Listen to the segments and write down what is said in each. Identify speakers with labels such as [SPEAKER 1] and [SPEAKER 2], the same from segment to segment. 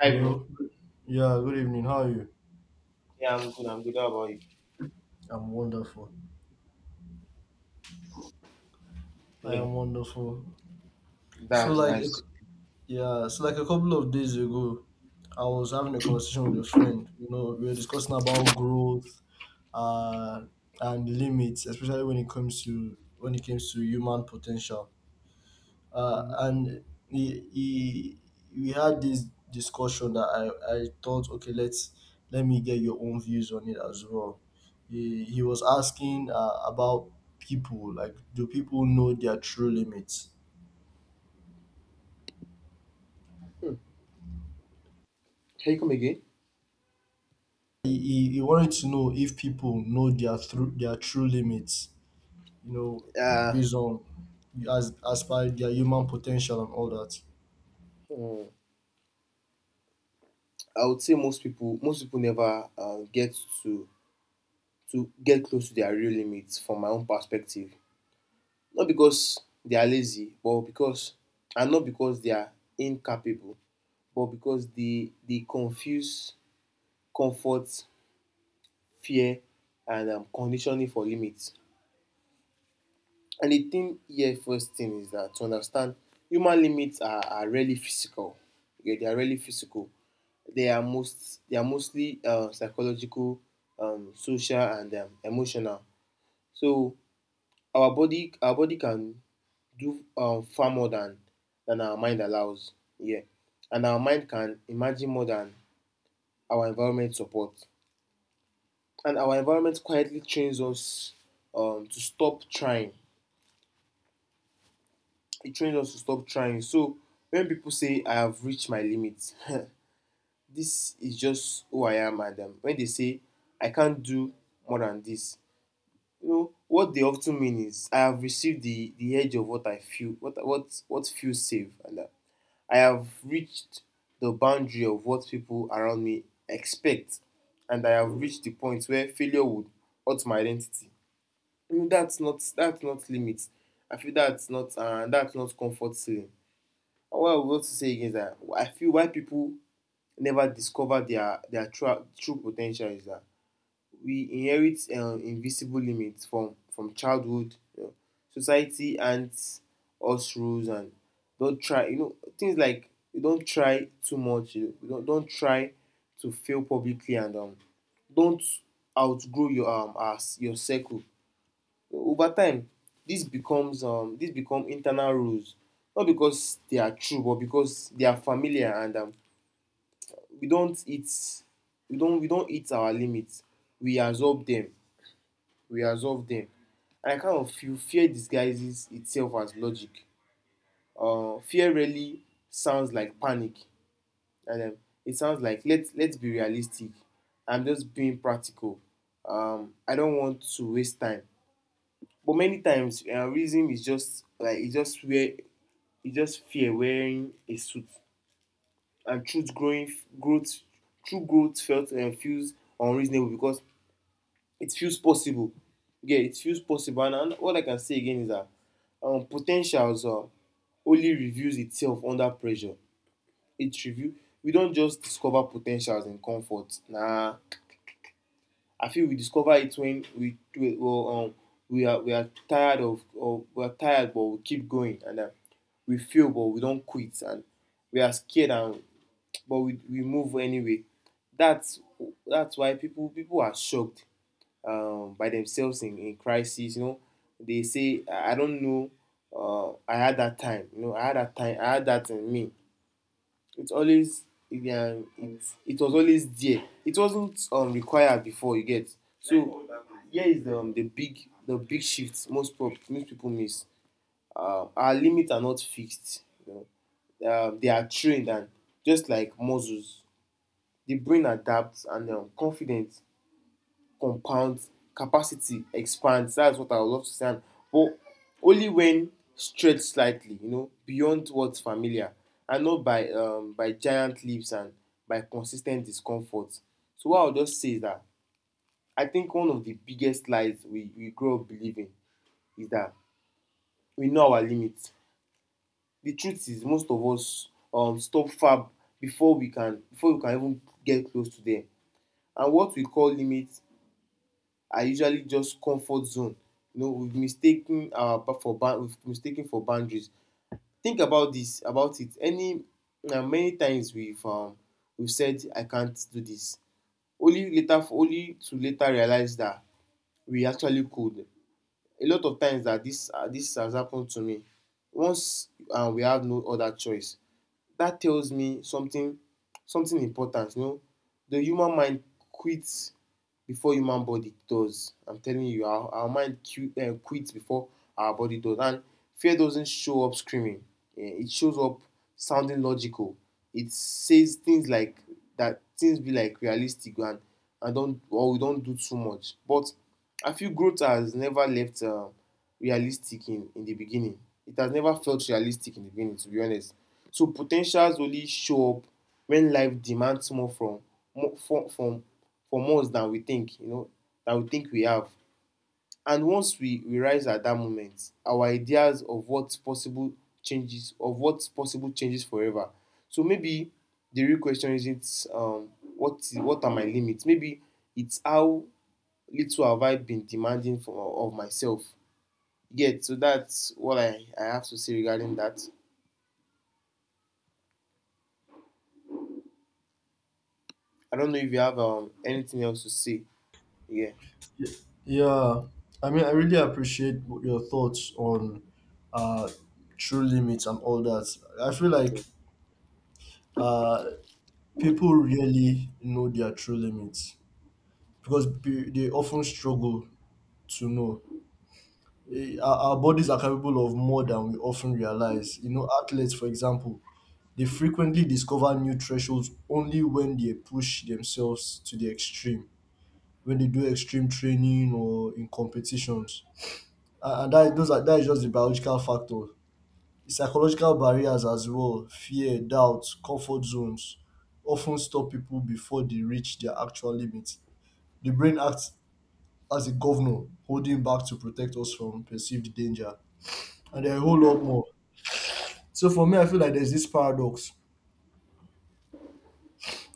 [SPEAKER 1] Hi, bro.
[SPEAKER 2] Hello. Yeah, good evening. How are you?
[SPEAKER 1] Yeah, I'm good. I'm good. How about you?
[SPEAKER 2] I'm wonderful. I
[SPEAKER 1] Yeah,
[SPEAKER 2] am wonderful. So
[SPEAKER 1] that's
[SPEAKER 2] like a
[SPEAKER 1] nice.
[SPEAKER 2] so like a couple of days ago, I was having a conversation with a friend. You know, we were discussing about growth, uh, and limits, especially when it comes to human potential.
[SPEAKER 1] Hmm.
[SPEAKER 2] And he we had this discussion that I thought, okay, let me get your own views on it as well. He was asking about people, like, do people know their true limits?
[SPEAKER 1] Hmm. Can you come again?
[SPEAKER 2] He wanted to know if people know their through their true limits, you know
[SPEAKER 1] Uh,
[SPEAKER 2] based on, as per their human potential and all that.
[SPEAKER 1] hmm, I would say most people, never get to to get close to their real limits, from my own perspective. Not because they are lazy, but because, and not because they are incapable, but because they confuse comfort, fear, and conditioning for limits. And the thing here, first thing is that, to understand, human limits are really physical. Yeah, they are really physical. They are mostly psychological, social, and emotional. So our body can do far more than our mind allows. Yeah. And our mind can imagine more than our environment supports. And our environment quietly trains us to stop trying. It trains us to stop trying. So when people say I have reached my limits, this is just who I am, madam. When they say I can't do more than this, you know what they often mean is, I have received the edge of what I feel, what feels safe, and I have reached the boundary of what people around me expect, and I have reached the point where failure would hurt my identity. I mean that's not limits. I feel that's not comfort ceiling. What I want to say again is that I feel why people never discover their true, true potential is that we inherit invisible limits from childhood, you know, society and us rules and don't try. You know, things like, you don't try too much. You know, you don't try to fail publicly, and don't outgrow your as your circle. Over time, this becomes this become internal rules, not because they are true, but because they are familiar, and we don't hit we don't hit our limits. We absorb them. We absorb them. And I kind of feel fear disguises itself as logic. Fear really sounds like panic, and it sounds like, let's be realistic. I'm just being practical. I don't want to waste time. But many times, reason is just like, it's just where e just fear wearing a suit, and truth growing growth true growth felt and feels unreasonable because it feels possible. Yeah, it feels possible. And what I can say again is that, po ten um, only reveals itself under pressure. It reveal We don't just discover potentials in comfort. Nah, I feel we discover it when we well, we are tired but we keep going, and we fail but we don't quit, and we are scared, and but we move anyway. That's that's why people are shocked by themselves in, crisis. You know, they say, "I don't know. I had that time. You know, I had that time. I had that in me." It's always it, um, it, it was always there. It wasn't required before. You get. So here is the big shift most most people miss. Our limits are not fixed. You know, they are trained, and just like muscles, the brain adapts, and confidence compounds, capacity expands. That's what I would love to say. But only when stretched slightly, you know, beyond what's familiar, and not by by giant leaps, and by consistent discomfort. So what I'll just say is that I think one of the biggest lies we grow up believing is that we know our limits. The truth is, most of us stop far before we can even get close to them. And what we call limits are usually just comfort zone. You know, we've mistaken our for we've mistaken for boundaries. Think about this, about it. Any na Many times we've we've said I can't do this, only to later realize that we actually could. A lot of times that this this has happened to me. Once we have no other choice, that tells me something something important. You know, the human mind quits before human body does. I'm telling you, our mind quits before our body does. And fear doesn't show up screaming. It shows up sounding logical. It says things like, that things be like realistic, and don't or we don't do too much. But I feel growth has never left, realistic in the beginning. It has never felt realistic in the beginning, to be honest. So potentials only show up when life demands more from, more from us, than we think, you know, than we think we have. And once we rise at that moment, our ideas of what's possible changes forever. So maybe the real question isn't, what are my limits? Maybe it's how little have I been demanding from of myself. Yeah, so that's what I have to say regarding that. I don't know if you have anything else to say. Yeah.
[SPEAKER 2] Yeah, I mean, I really appreciate your thoughts on uh, true limits and all that. I feel like
[SPEAKER 1] Yeah.
[SPEAKER 2] uh, people really know their true limits because they often struggle to know. Our bodies are capable of more than we often realize. You know, athletes, for example, they frequently discover new thresholds only when they push themselves to the extreme, when they do extreme training or in competitions, and that those are that is just the biological factor. Psychological barriers as well, fear, doubt, comfort zones often stop people before they reach their actual limit. The brain acts as a governor, holding back to protect us from perceived danger. And there are a whole lot more. So for me, I feel like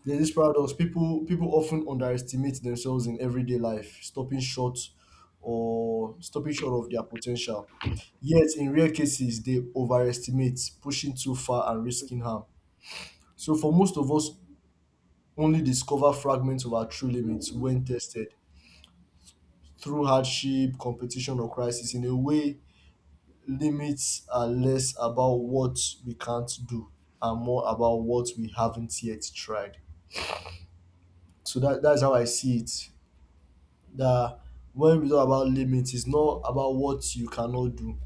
[SPEAKER 2] there's this paradox. People often underestimate themselves in everyday life, stopping short of their potential. Yet in rare cases they overestimate, pushing too far and risking harm. So for most of us, only discover fragments of our true limits when tested through hardship, competition or crisis. In a way, limits are less about what we can't do and more about what we haven't yet tried. So that's how I see it. That When we talk about limits, it's not about what you cannot do,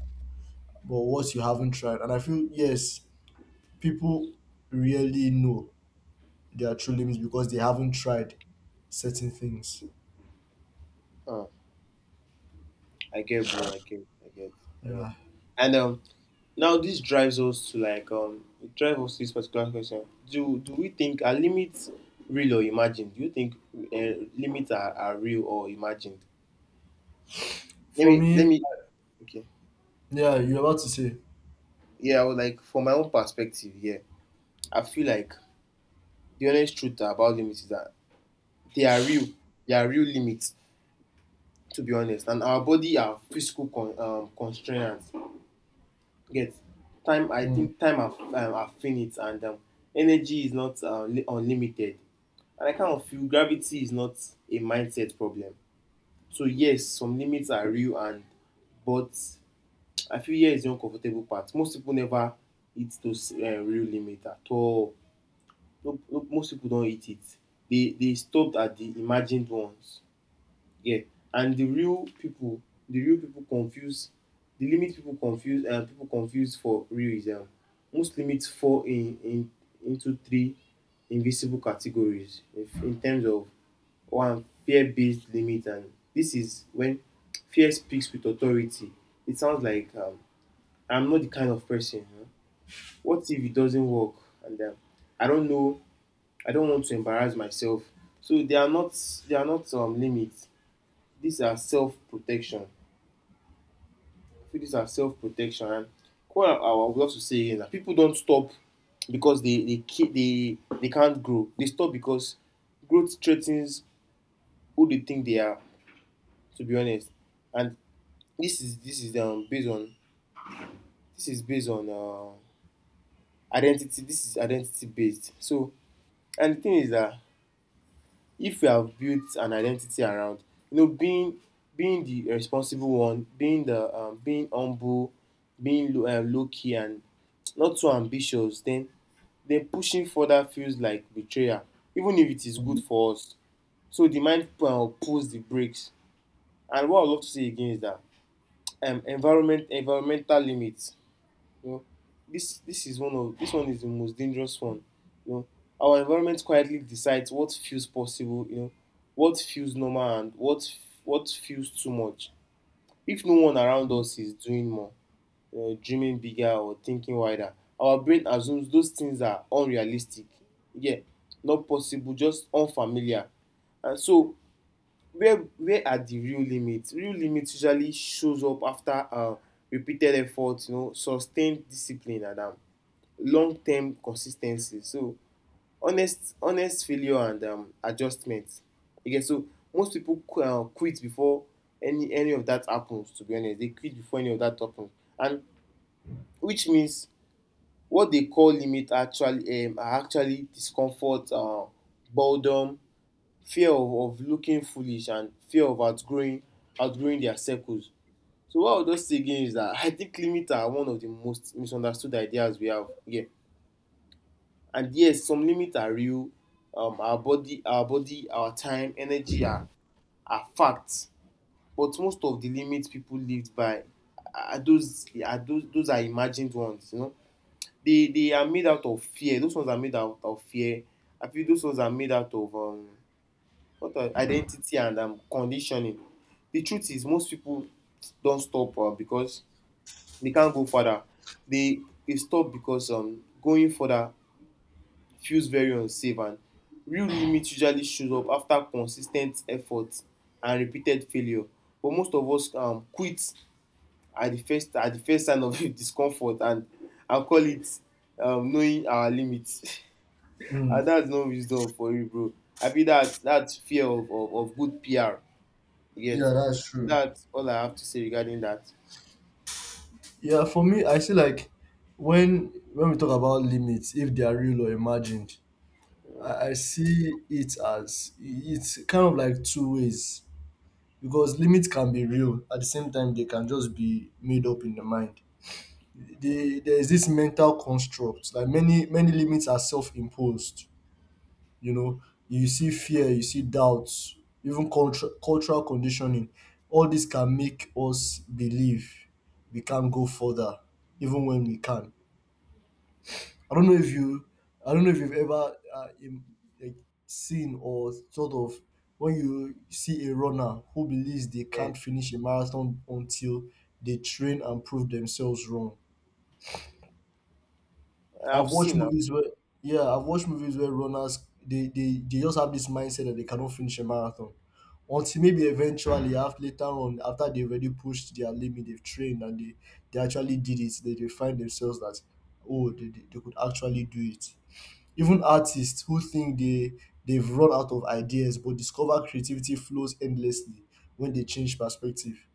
[SPEAKER 2] but what you haven't tried. And I feel, yes, people really know their true limits because they haven't tried certain things.
[SPEAKER 1] Uh, I get, bro. I get. I get. I get.
[SPEAKER 2] Yeah.
[SPEAKER 1] And now this drives us to like it drives us to this particular question. Do we think are limits real or imagined? Do you think limits are real or imagined? Let
[SPEAKER 2] For
[SPEAKER 1] me let
[SPEAKER 2] me,
[SPEAKER 1] me. Okay.
[SPEAKER 2] yeah, you're about to say.
[SPEAKER 1] Yeah. I would like, from my own perspective. Yeah. I feel like the honest truth about limits is that they are real. They are real limits. To be honest, and our body are physical constraints. Get time I
[SPEAKER 2] Mm,
[SPEAKER 1] think time are finite, and energy is not unlimited, and I kind of feel gravity is not a mindset problem. So yes, some limits are real, and but I feel here is the uncomfortable part. Most people never hit those real limit at all. No, no, most people don hit it. They stopped at the imagined ones. Yeah. And the real people confuse, the limit people confuse, and people confuse for real is, most limits fall in into three invisible categories, if, in terms of. One, fear-based limit, and this is when fear speaks with authority. It sounds like, "I'm not the kind of person, huh? What if it doesn't work?" And "I don't know, I don't want to embarrass myself." So they are not limits. These are self-protection. I feel these are self protection. What I would love to say is that people don't stop because they can't grow. They stop because growth threatens who they think they are. To be honest. And this is this is um based on this is based on, identity. This is identity based. So and the thing is that, if you have built an identity around, you know, being, the responsible one, being the, being humble, being low key and not so ambitious, Then pushing further feels like betrayal, even if it is good
[SPEAKER 2] mm,
[SPEAKER 1] for us. So the mind pulls the brakes. And what I love to say again is that, environmental limits. You know, this one is the most dangerous one. You know, our environment quietly decides what feels possible. You know, what feels normal and what feels too much. If no one around
[SPEAKER 2] mm,
[SPEAKER 1] us is doing more, dreaming bigger, or thinking wider, our brain assumes those things are unrealistic. Yeah. Not possible, just unfamiliar. And so, where are the real limits? Real limits usually shows up after repeated effort, you know, sustained discipline, and long term consis ten cy. So honest, failure, and adjustment. You get. So most people quit before any of that happens, to be honest. They quit before any of that happens, and which means, what they call limit actually are actually discomfort, boredom, fear of looking foolish, and fear of outgrowing their circles. So what I'll just say again is that, I think limits are one of the most misunderstood ideas we have here. And yes, some limits are real. Our body, our body, our time, energy are facts. But most of the limits people lived by are, those are imagined ones. They are made out of fear. Those ones are made out of fear. I feel those ones are made out of what are identity and conditioning. The truth is, most people don stop because they can't go further. They they stop because going further feels very unsafe. And real limit usually shows up after consis ten t effort and repeated failure. But most of us quit at the first sign of discomfort and call it knowing our limit. Ah,
[SPEAKER 2] mm.
[SPEAKER 1] that's no wisdom for you, bro. I feel that that's fear of good PR. Yet,
[SPEAKER 2] Yeah, that's true.
[SPEAKER 1] that's all I have to say regarding that.
[SPEAKER 2] Yeah, for me, I see, like, when we talk about limits, if they are real or imagined, I see it as, it's kind of like two ways. Because limits can be real, at the same time they can just be made up in the mind. There is this mental construct, like, many limits are self-imposed. You know, you see fear, you see doubts, even cultural conditioning, all this can make us believe we can't go further, even when we can. I don't know if you, I don't know if you've ever, like, seen or sort of, when you see a runner who believes they
[SPEAKER 1] Yeah,
[SPEAKER 2] can't finish a marathon until they train and prove themselves wrong. I've
[SPEAKER 1] I've
[SPEAKER 2] watched
[SPEAKER 1] seen that.
[SPEAKER 2] movies where, Yeah, I've watched movies where runners, they just have this mindset that they cannot finish a marathon until, maybe eventually, after later on, after they already pushed their limit, they've trained, and they actually did it. They find themselves that, oh, they could actually do it. Even artists who think they've run out of ideas but discover creativity flows endlessly when they change perspective.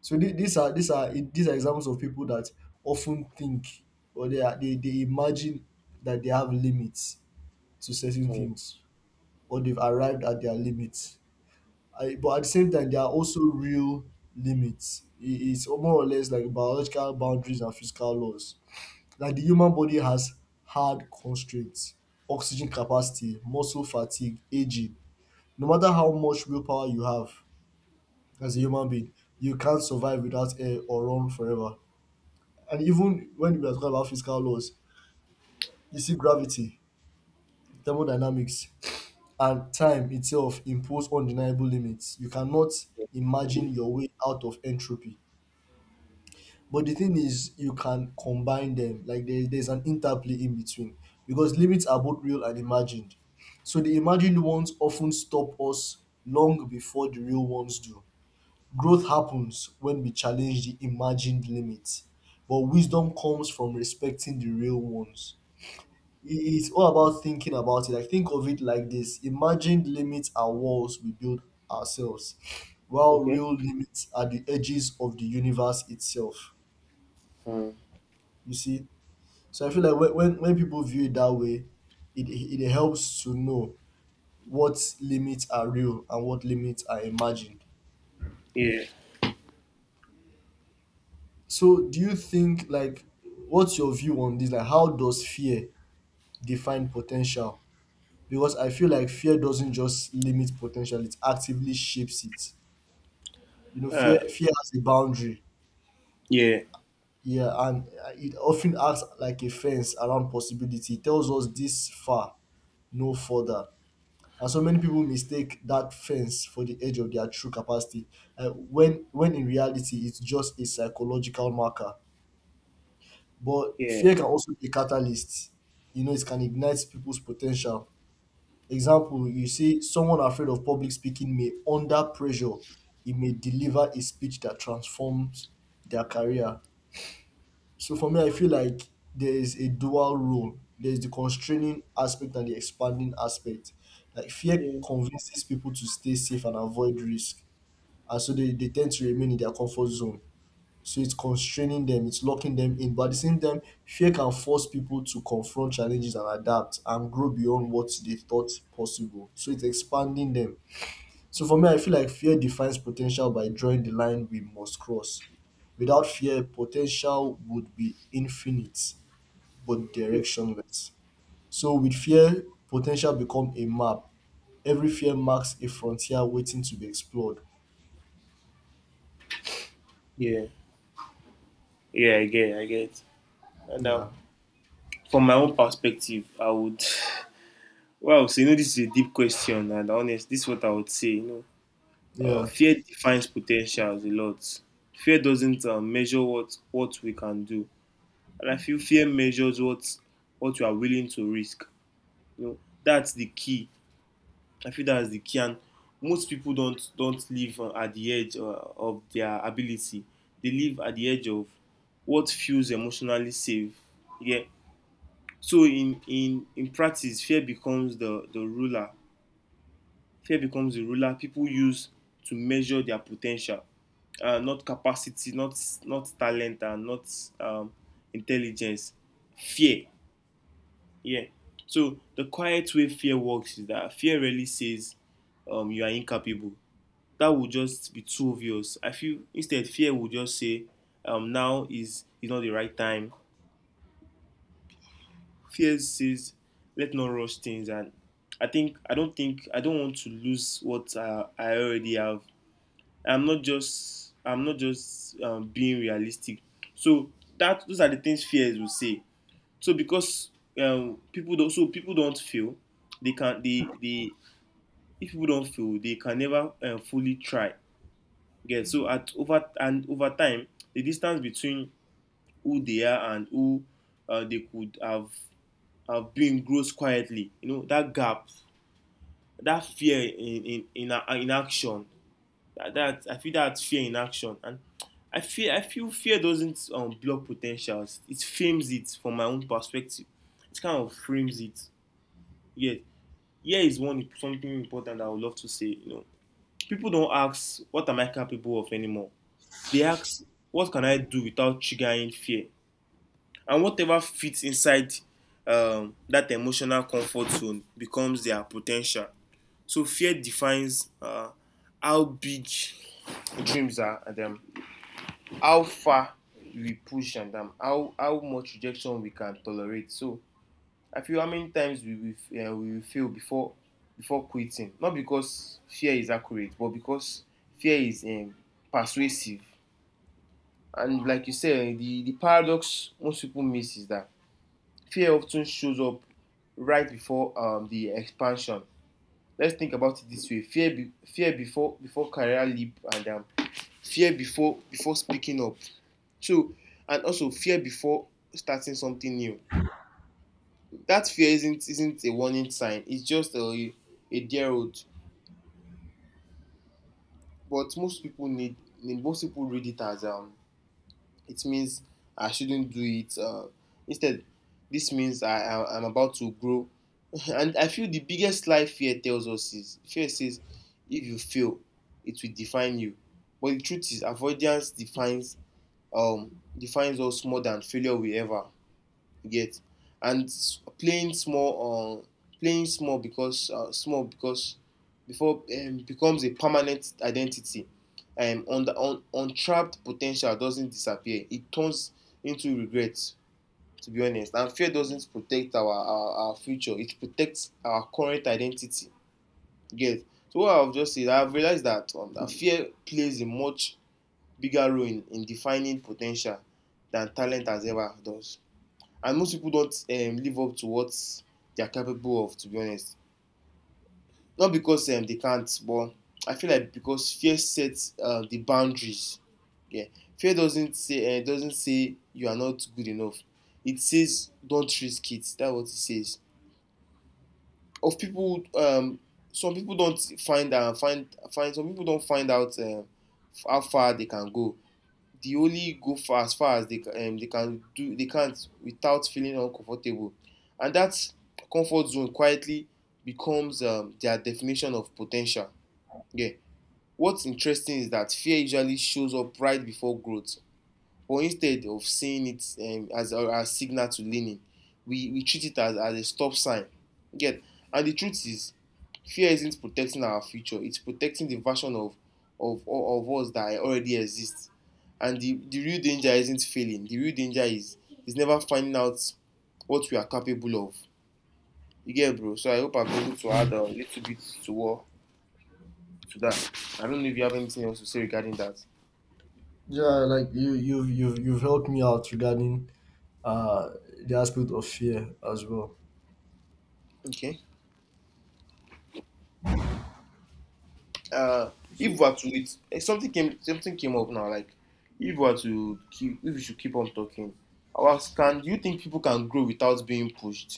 [SPEAKER 2] So these are examples of people that often think, or they are, they imagine that they have limits to certain things or they've arrived at their limits. But at the same time, there are also real limits. It's more or less like biological boundaries and physical laws. Like, the human body has hard constraints: oxygen capacity, muscle fatigue, ageing. No matter how much willpower you have as a human being, you can't survive without air or run forever. And even when we are talking about physical laws, you see gravity, thermodynamics, and time itself impose undeniable limits. You cannot imagine your way out of entropy. But the thing is, you can combine them. Like, there's an interplay in between, because limits are both real and imagined. So the imagined ones often stop us long before the real ones do. Growth happens when we challenge the imagined limits, but wisdom comes from respecting the real ones. I- It's all about thinking about it. Like, think of it like this: imagined limits are walls we build ourselves, while
[SPEAKER 1] Okay.
[SPEAKER 2] real limits are the edges of the universe itself.
[SPEAKER 1] Hmm.
[SPEAKER 2] You see, so I feel like when people view it that way, it helps to know what limits are real and what limits are imagined.
[SPEAKER 1] Yeah.
[SPEAKER 2] So do you think, like, what's your view on this? Like, how does fear define potential? Because I feel like fear doesn't just limit potential, it actively shapes it. You know, fear
[SPEAKER 1] Uh,
[SPEAKER 2] fear has a boundary.
[SPEAKER 1] yeah.
[SPEAKER 2] Yeah, and, it often acts like a fence around possibility. It tells us this far, no further. And so many people mistake that fence for the edge of their true capacity, when in reality it's just a psychological marker. But
[SPEAKER 1] Yeah.
[SPEAKER 2] fear can also be a catalyst. You know, it can ignite people's potential. Example, you see, someone afraid of public speaking may, under pressure, it may deliver a speech that transforms their career. So for me, I feel like there is a dual role. There's the constraining aspect and the expanding aspect. Like, fear
[SPEAKER 1] Yeah.
[SPEAKER 2] convinces people to stay safe and avoid risk. And so they tend to remain in their comfort zone. So it's constraining them, it's locking them in. But at the same time, fear can force people to confront challenges and adapt and grow beyond what they thought possible. So it's expanding them. So for me, I feel like fear defines potential by drawing the line we must cross. Without fear, potential would be infinite but directionless. So with fear, potential become a map. Every fear marks a frontier waiting to be explored.
[SPEAKER 1] Yeah. Yeah. I get. I get. And
[SPEAKER 2] Yeah.
[SPEAKER 1] from my own perspective, I would. Well, so you know, this is a deep question, and honest, this is what I would say. You know,
[SPEAKER 2] Yeah.
[SPEAKER 1] fear defines potentials a lot. Fear doesn't measure what we can do. And I feel fear measures what you are willing to risk. You know, that's the key. I feel that's the key. And most people don't live at the edge of their ability. They live at the edge of what feels emotionally safe. Yeah. So in practice, fear becomes the ruler. Fear becomes the ruler people use to measure their potential, not capacity, not talent, and not um, intelligence. Fear. Yeah. So the quiet way fear works is that fear really says you are incapable. That would just be too obvious. I feel instead fear would just say now is not the right time. Fear says let's not rush things, and I don't think I don't want to lose what I already have. I'm not just being realistic. So that those are the things fears will say. So because people don't feel they can they if people don't fail they can never fully try. Yeah, so at over and over time the distance between who they are and who they could have been grows quietly. You know, that gap, that fear in action. That, I feel, that fear in action. And I feel fear doesn't block potentials, it frames it. From my own perspective, it kind of frames it. Yeah. Here is one something important I would love to say, you know. People don't ask, "What am I capable of anymore?" They ask, "What can I do without triggering fear?" And whatever fits inside that emotional comfort zone becomes their potential. So fear defines how big dreams are, and how far we push, and how much rejection we can tolerate. So I feel how many times we will fail before quitting, not because fear is accurate, but because fear is persuasive. And like you said, the paradox most people miss is that fear of ten shows up right before the expansion. Let's think about it this way: fear before career leap, and fear before speaking up. So, and also fear before starting something new. That fear isn't a warning sign, it's just a dear road. But most people read it as it means I shouldn't do it. Instead, this means I'm about to grow. And I feel the biggest lie fear tells us is, fear says if you fail, it will define you. But the truth is, avoidance defines defines us more than failure will ever. You get? And playing small because before becomes a permanent identity. On the on Untrapped potential doesn't disappear, it turns into regret, to be honest. And fear doesn't protect our future, it protects our current identity. You get? So what I've just said, I've realized that that fear plays a much bigger role in defining potential than talent has ever does. And most people don't live up to what they are capable of, to be honest, not because they can't, but I feel like because fear sets the boundaries. Yeah. fear doesn't say you are not good enough, it says don't risk it. That's what it says. Of people Some people don't find out how far they can go. They only go for as far as they can't without feeling uncomfortable. And that comfort zone quietly becomes their definition of potential. Yeah. What's interesting is that fear usually shows up right before growth. But instead of seeing it as our signal to leaning, we treat it as a stop sign. You get? And the truth is, fear isn't protecting our future; it's protecting the version of us that already exists. And the real danger isn't failing. The real danger is never finding out what we are capable of. You get it, bro. So I hope I've been able to add a little bit to what to that. I don't know if you have anything else to say regarding that.
[SPEAKER 2] Yeah, like, you've helped me out regarding, uh the aspect of fear as well.
[SPEAKER 1] Okay. uh if
[SPEAKER 2] So,
[SPEAKER 1] we are to it eh, something came up now, like if we are to keep if we should keep on talking. I was can Do you think people can grow without being pushed?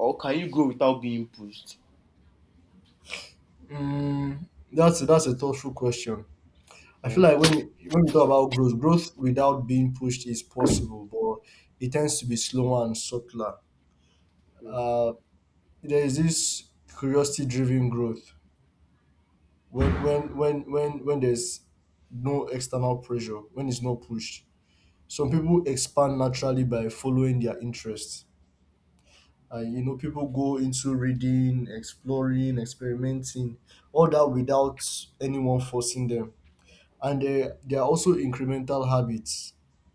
[SPEAKER 1] Or can you grow without being pushed?
[SPEAKER 2] mm, that's a thoughtful question. I feel
[SPEAKER 1] Huh?
[SPEAKER 2] like, when we talk about growth, growth without being pushed is possible, but it tends to be slower and subtler. Uh, there is this curiosity-driven growth, when there's no external pressure, when it's not pushed. Some people expand naturally by following their interests. You know, people go into reading, exploring, experimenting, all that, without anyone forcing them. And there are also incremental habits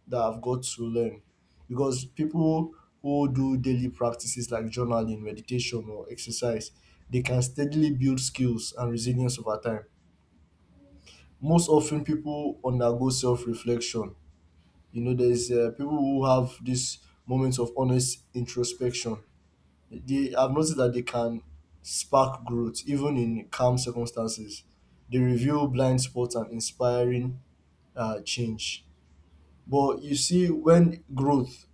[SPEAKER 2] that I've got to learn, because people who do daily practices like journaling, meditation, or exercise, they can steadily build skills and resilience over time. Most often, people undergo self reflection. You know, there's, people who have these moments of honest introspection. I've noticed that they can spark growth even in calm circumstances. They reveal blind spots and inspiring, change. But you see, when growth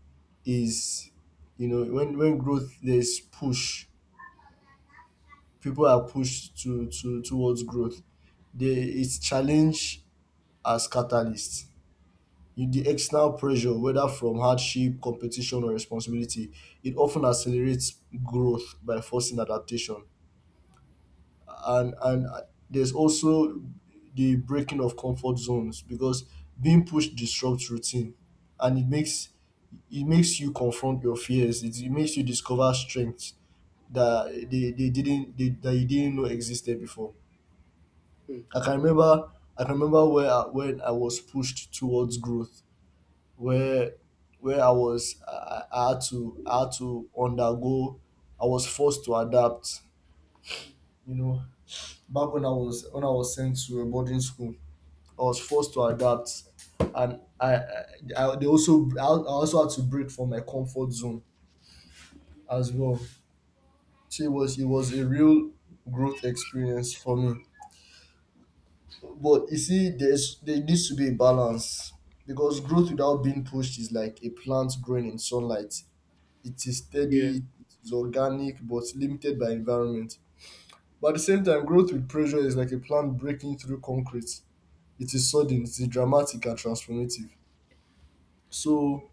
[SPEAKER 2] is, when growth there's push, people are pushed to towards growth. There is challenge as catalyst. The external pressure, whether from hardship, competition, or responsibility, it often accelerates growth by forcing adaptation. And there's also the breaking of comfort zones, because being pushed disrupts routine, and it makes you confront your fears, it makes you discover strengths that they didn't they, that you didn't know existed before.
[SPEAKER 1] Hmm.
[SPEAKER 2] i can remember I can remember, when I was pushed towards growth, where where I was, I had to undergo, I was forced to adapt. you know Back when I was sent to a boarding school, I was forced to adapt, and I they also I also had to break from my comfort zone as well. So it was a real growth experience for me. But you see, there needs to be a balance, because growth without being pushed is like a plant growing in sunlight. It is
[SPEAKER 1] Yeah.
[SPEAKER 2] steady, it's organic, but limited by environment. But at the same time, growth with pressure is like a plant breaking through concrete. It is sudden, it is dramatic and transformative. So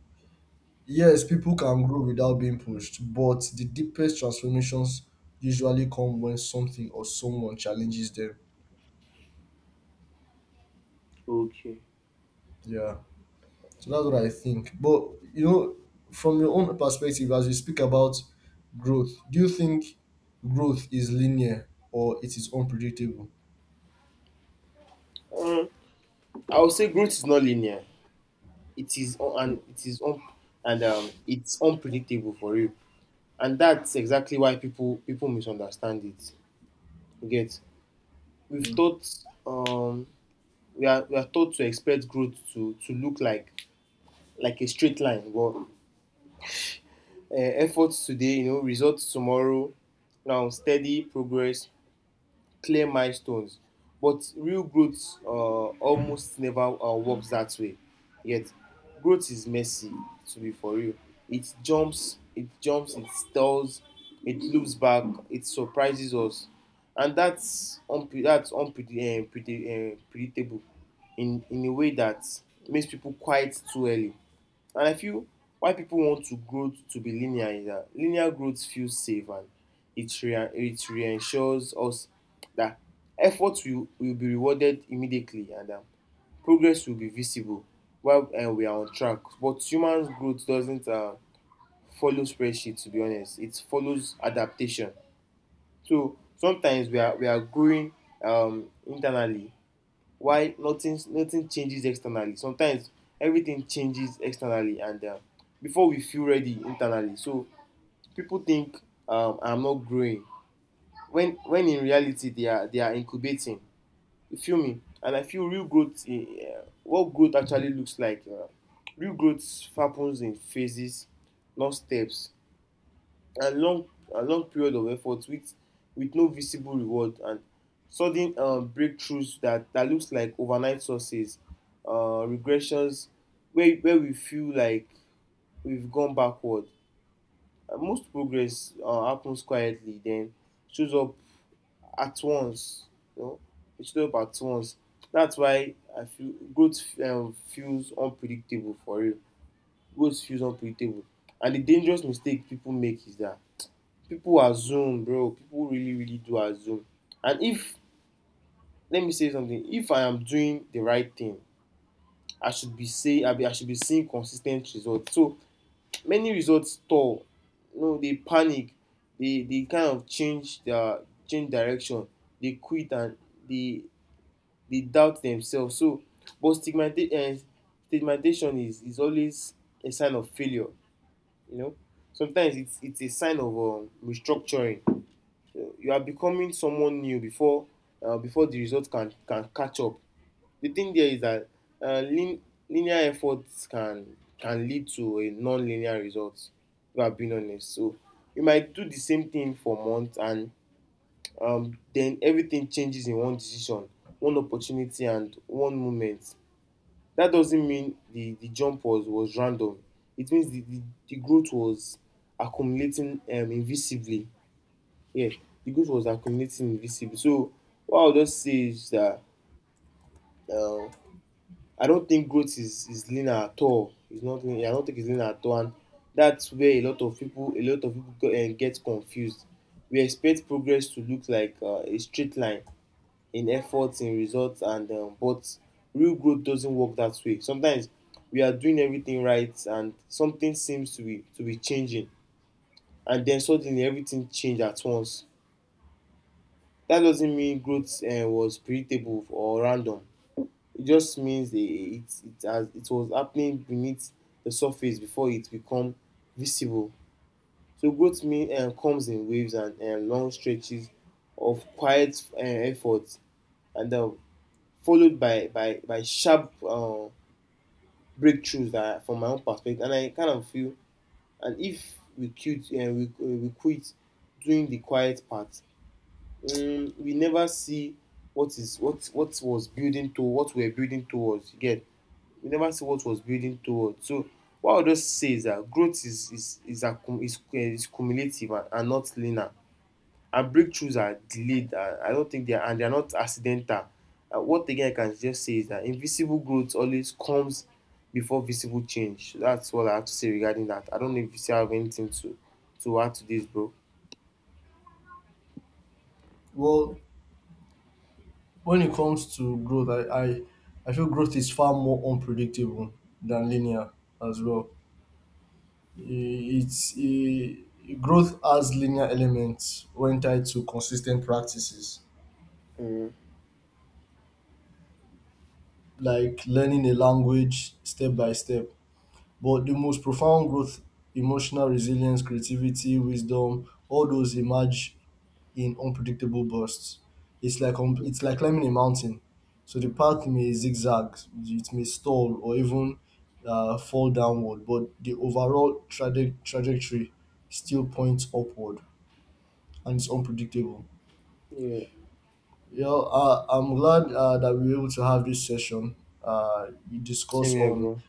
[SPEAKER 2] yes, people can grow without being pushed, but the deepest transformations usually come when something or someone challenges them.
[SPEAKER 1] Okay.
[SPEAKER 2] Yeah. So that's what I think. But you know, from your own perspective, as we speak about growth, do you think growth is linear or it is unpredictable?
[SPEAKER 1] um, I would say growth is not linear, it is un- and it is un- and it's unpredictable for you, and that's exactly why people misunderstand it. You get? we've
[SPEAKER 2] Mm.
[SPEAKER 1] taught um we are taught to expect growth to look like a straight line, but efforts today, you know, results tomorrow. Now steady progress, clear milestones, but real growth almost never works that way. Yet, growth is messy. To be for real, it jumps, it stalls, it loops back, it surprises us, and that's unpredictable, predictable in a way that makes people quiet too early. And I feel why people want to grow to be linear is that linear growth feels safe, and it reassures us that effort will be rewarded immediately, and progress will be visible while we are on track. But human growth doesn't follow spreadsheet, to be honest. It follows adaptation. So sometimes we are growing internally why nothing changes externally, sometimes everything changes externally and before we feel ready internally. So people think, "I'm not growing," when in reality they are incubating. You feel me? And I feel real growth in what growth actually looks like, real growth happens in phases, not steps. a long a long period of effort with no visible reward, and sudden breakthroughs that looks like overnight success, regressions where we feel like we've gone backward. And most progress happens quietly, then shows up at once. You know, it shows up at once. That's why I feel growth feels unpredictable. For real, growth feels unpredictable. And the dangerous mistake people make is that people really do assume. And if Let me say something: if I am doing the right thing, I should be seeing consistent results. So many results stall, you know, they panic, they kind of change their change direction, they quit, and they they doubt themselves. So, but stigmata um stigmatization is always a sign of failure. You know, sometimes it's a sign of restructuring. You are becoming someone new before, before the result can catch up. The thing there is that, uh, lin- linear efforts can lead to a non-linear result, if I'm being honest. So you might do the same thing for months, and then everything changes in one decision, one opportunity, and one moment. That doesn't mean the jump was random. It means the growth was accumulating, invisibly. Yeah, the growth was accumulating invisible. So what I'll just say is that um, I don't think is linear at all. It's not linear. I don't think it's linear at all, and that's where a lot of people get confused. We expect progress to look like a straight line in efforts, in results, and but real growth doesn't work that way. Sometimes we are doing everything right, and something seems to be changing, and then suddenly everything change at once. That doesn't mean growth was predictable or random, it just means it was happening beneath the surface before it become visible. So growth mean comes in waves and long stretches of quiet effort, and followed by sharp breakthroughs that are from my own perspective. And I kind of feel, and if we quit, we quit doing the quiet part, we never see what was building to what we're building towards. You get? We never see what was building towards. So what I'll just say is that growth is accum is cumulative and not linear. And breakthroughs are delayed. And I don't think they are, and they are not accidental. What again I can just say is that invisible growth always comes before visible change. That's what I have to say regarding that. I don't know if you still have anything to add to this, bro.
[SPEAKER 2] Well, when it comes to growth, I feel growth is far more unpredictable than linear as well. It's a Growth has linear elements when tied to consistent practices,
[SPEAKER 1] Mm.
[SPEAKER 2] like learning a language step by step. But the most profound growth, emotional resilience, creativity, wisdom, all those emerge in unpredictable bursts. It's like climbing a mountain. So the path may zigzag, it may stall, or even, fall downward, but the overall trajectory still points upward, and it's unpredictable.
[SPEAKER 1] Yeah.
[SPEAKER 2] You know, I'm glad, that we were able to have this session. You
[SPEAKER 1] Same
[SPEAKER 2] discuss
[SPEAKER 1] here,
[SPEAKER 2] on
[SPEAKER 1] bro.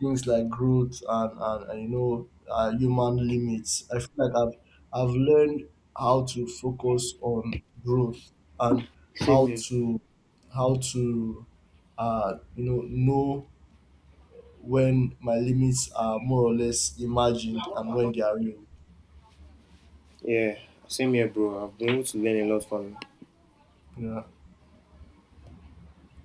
[SPEAKER 2] things like growth and human limits. I feel like I've learned how to focus on growth and
[SPEAKER 1] Same
[SPEAKER 2] how
[SPEAKER 1] here,
[SPEAKER 2] to how to, know when my limits are more or less imagined and when they are real.
[SPEAKER 1] yeah, same here, bro. I've been able to learn a lot from
[SPEAKER 2] Yeah.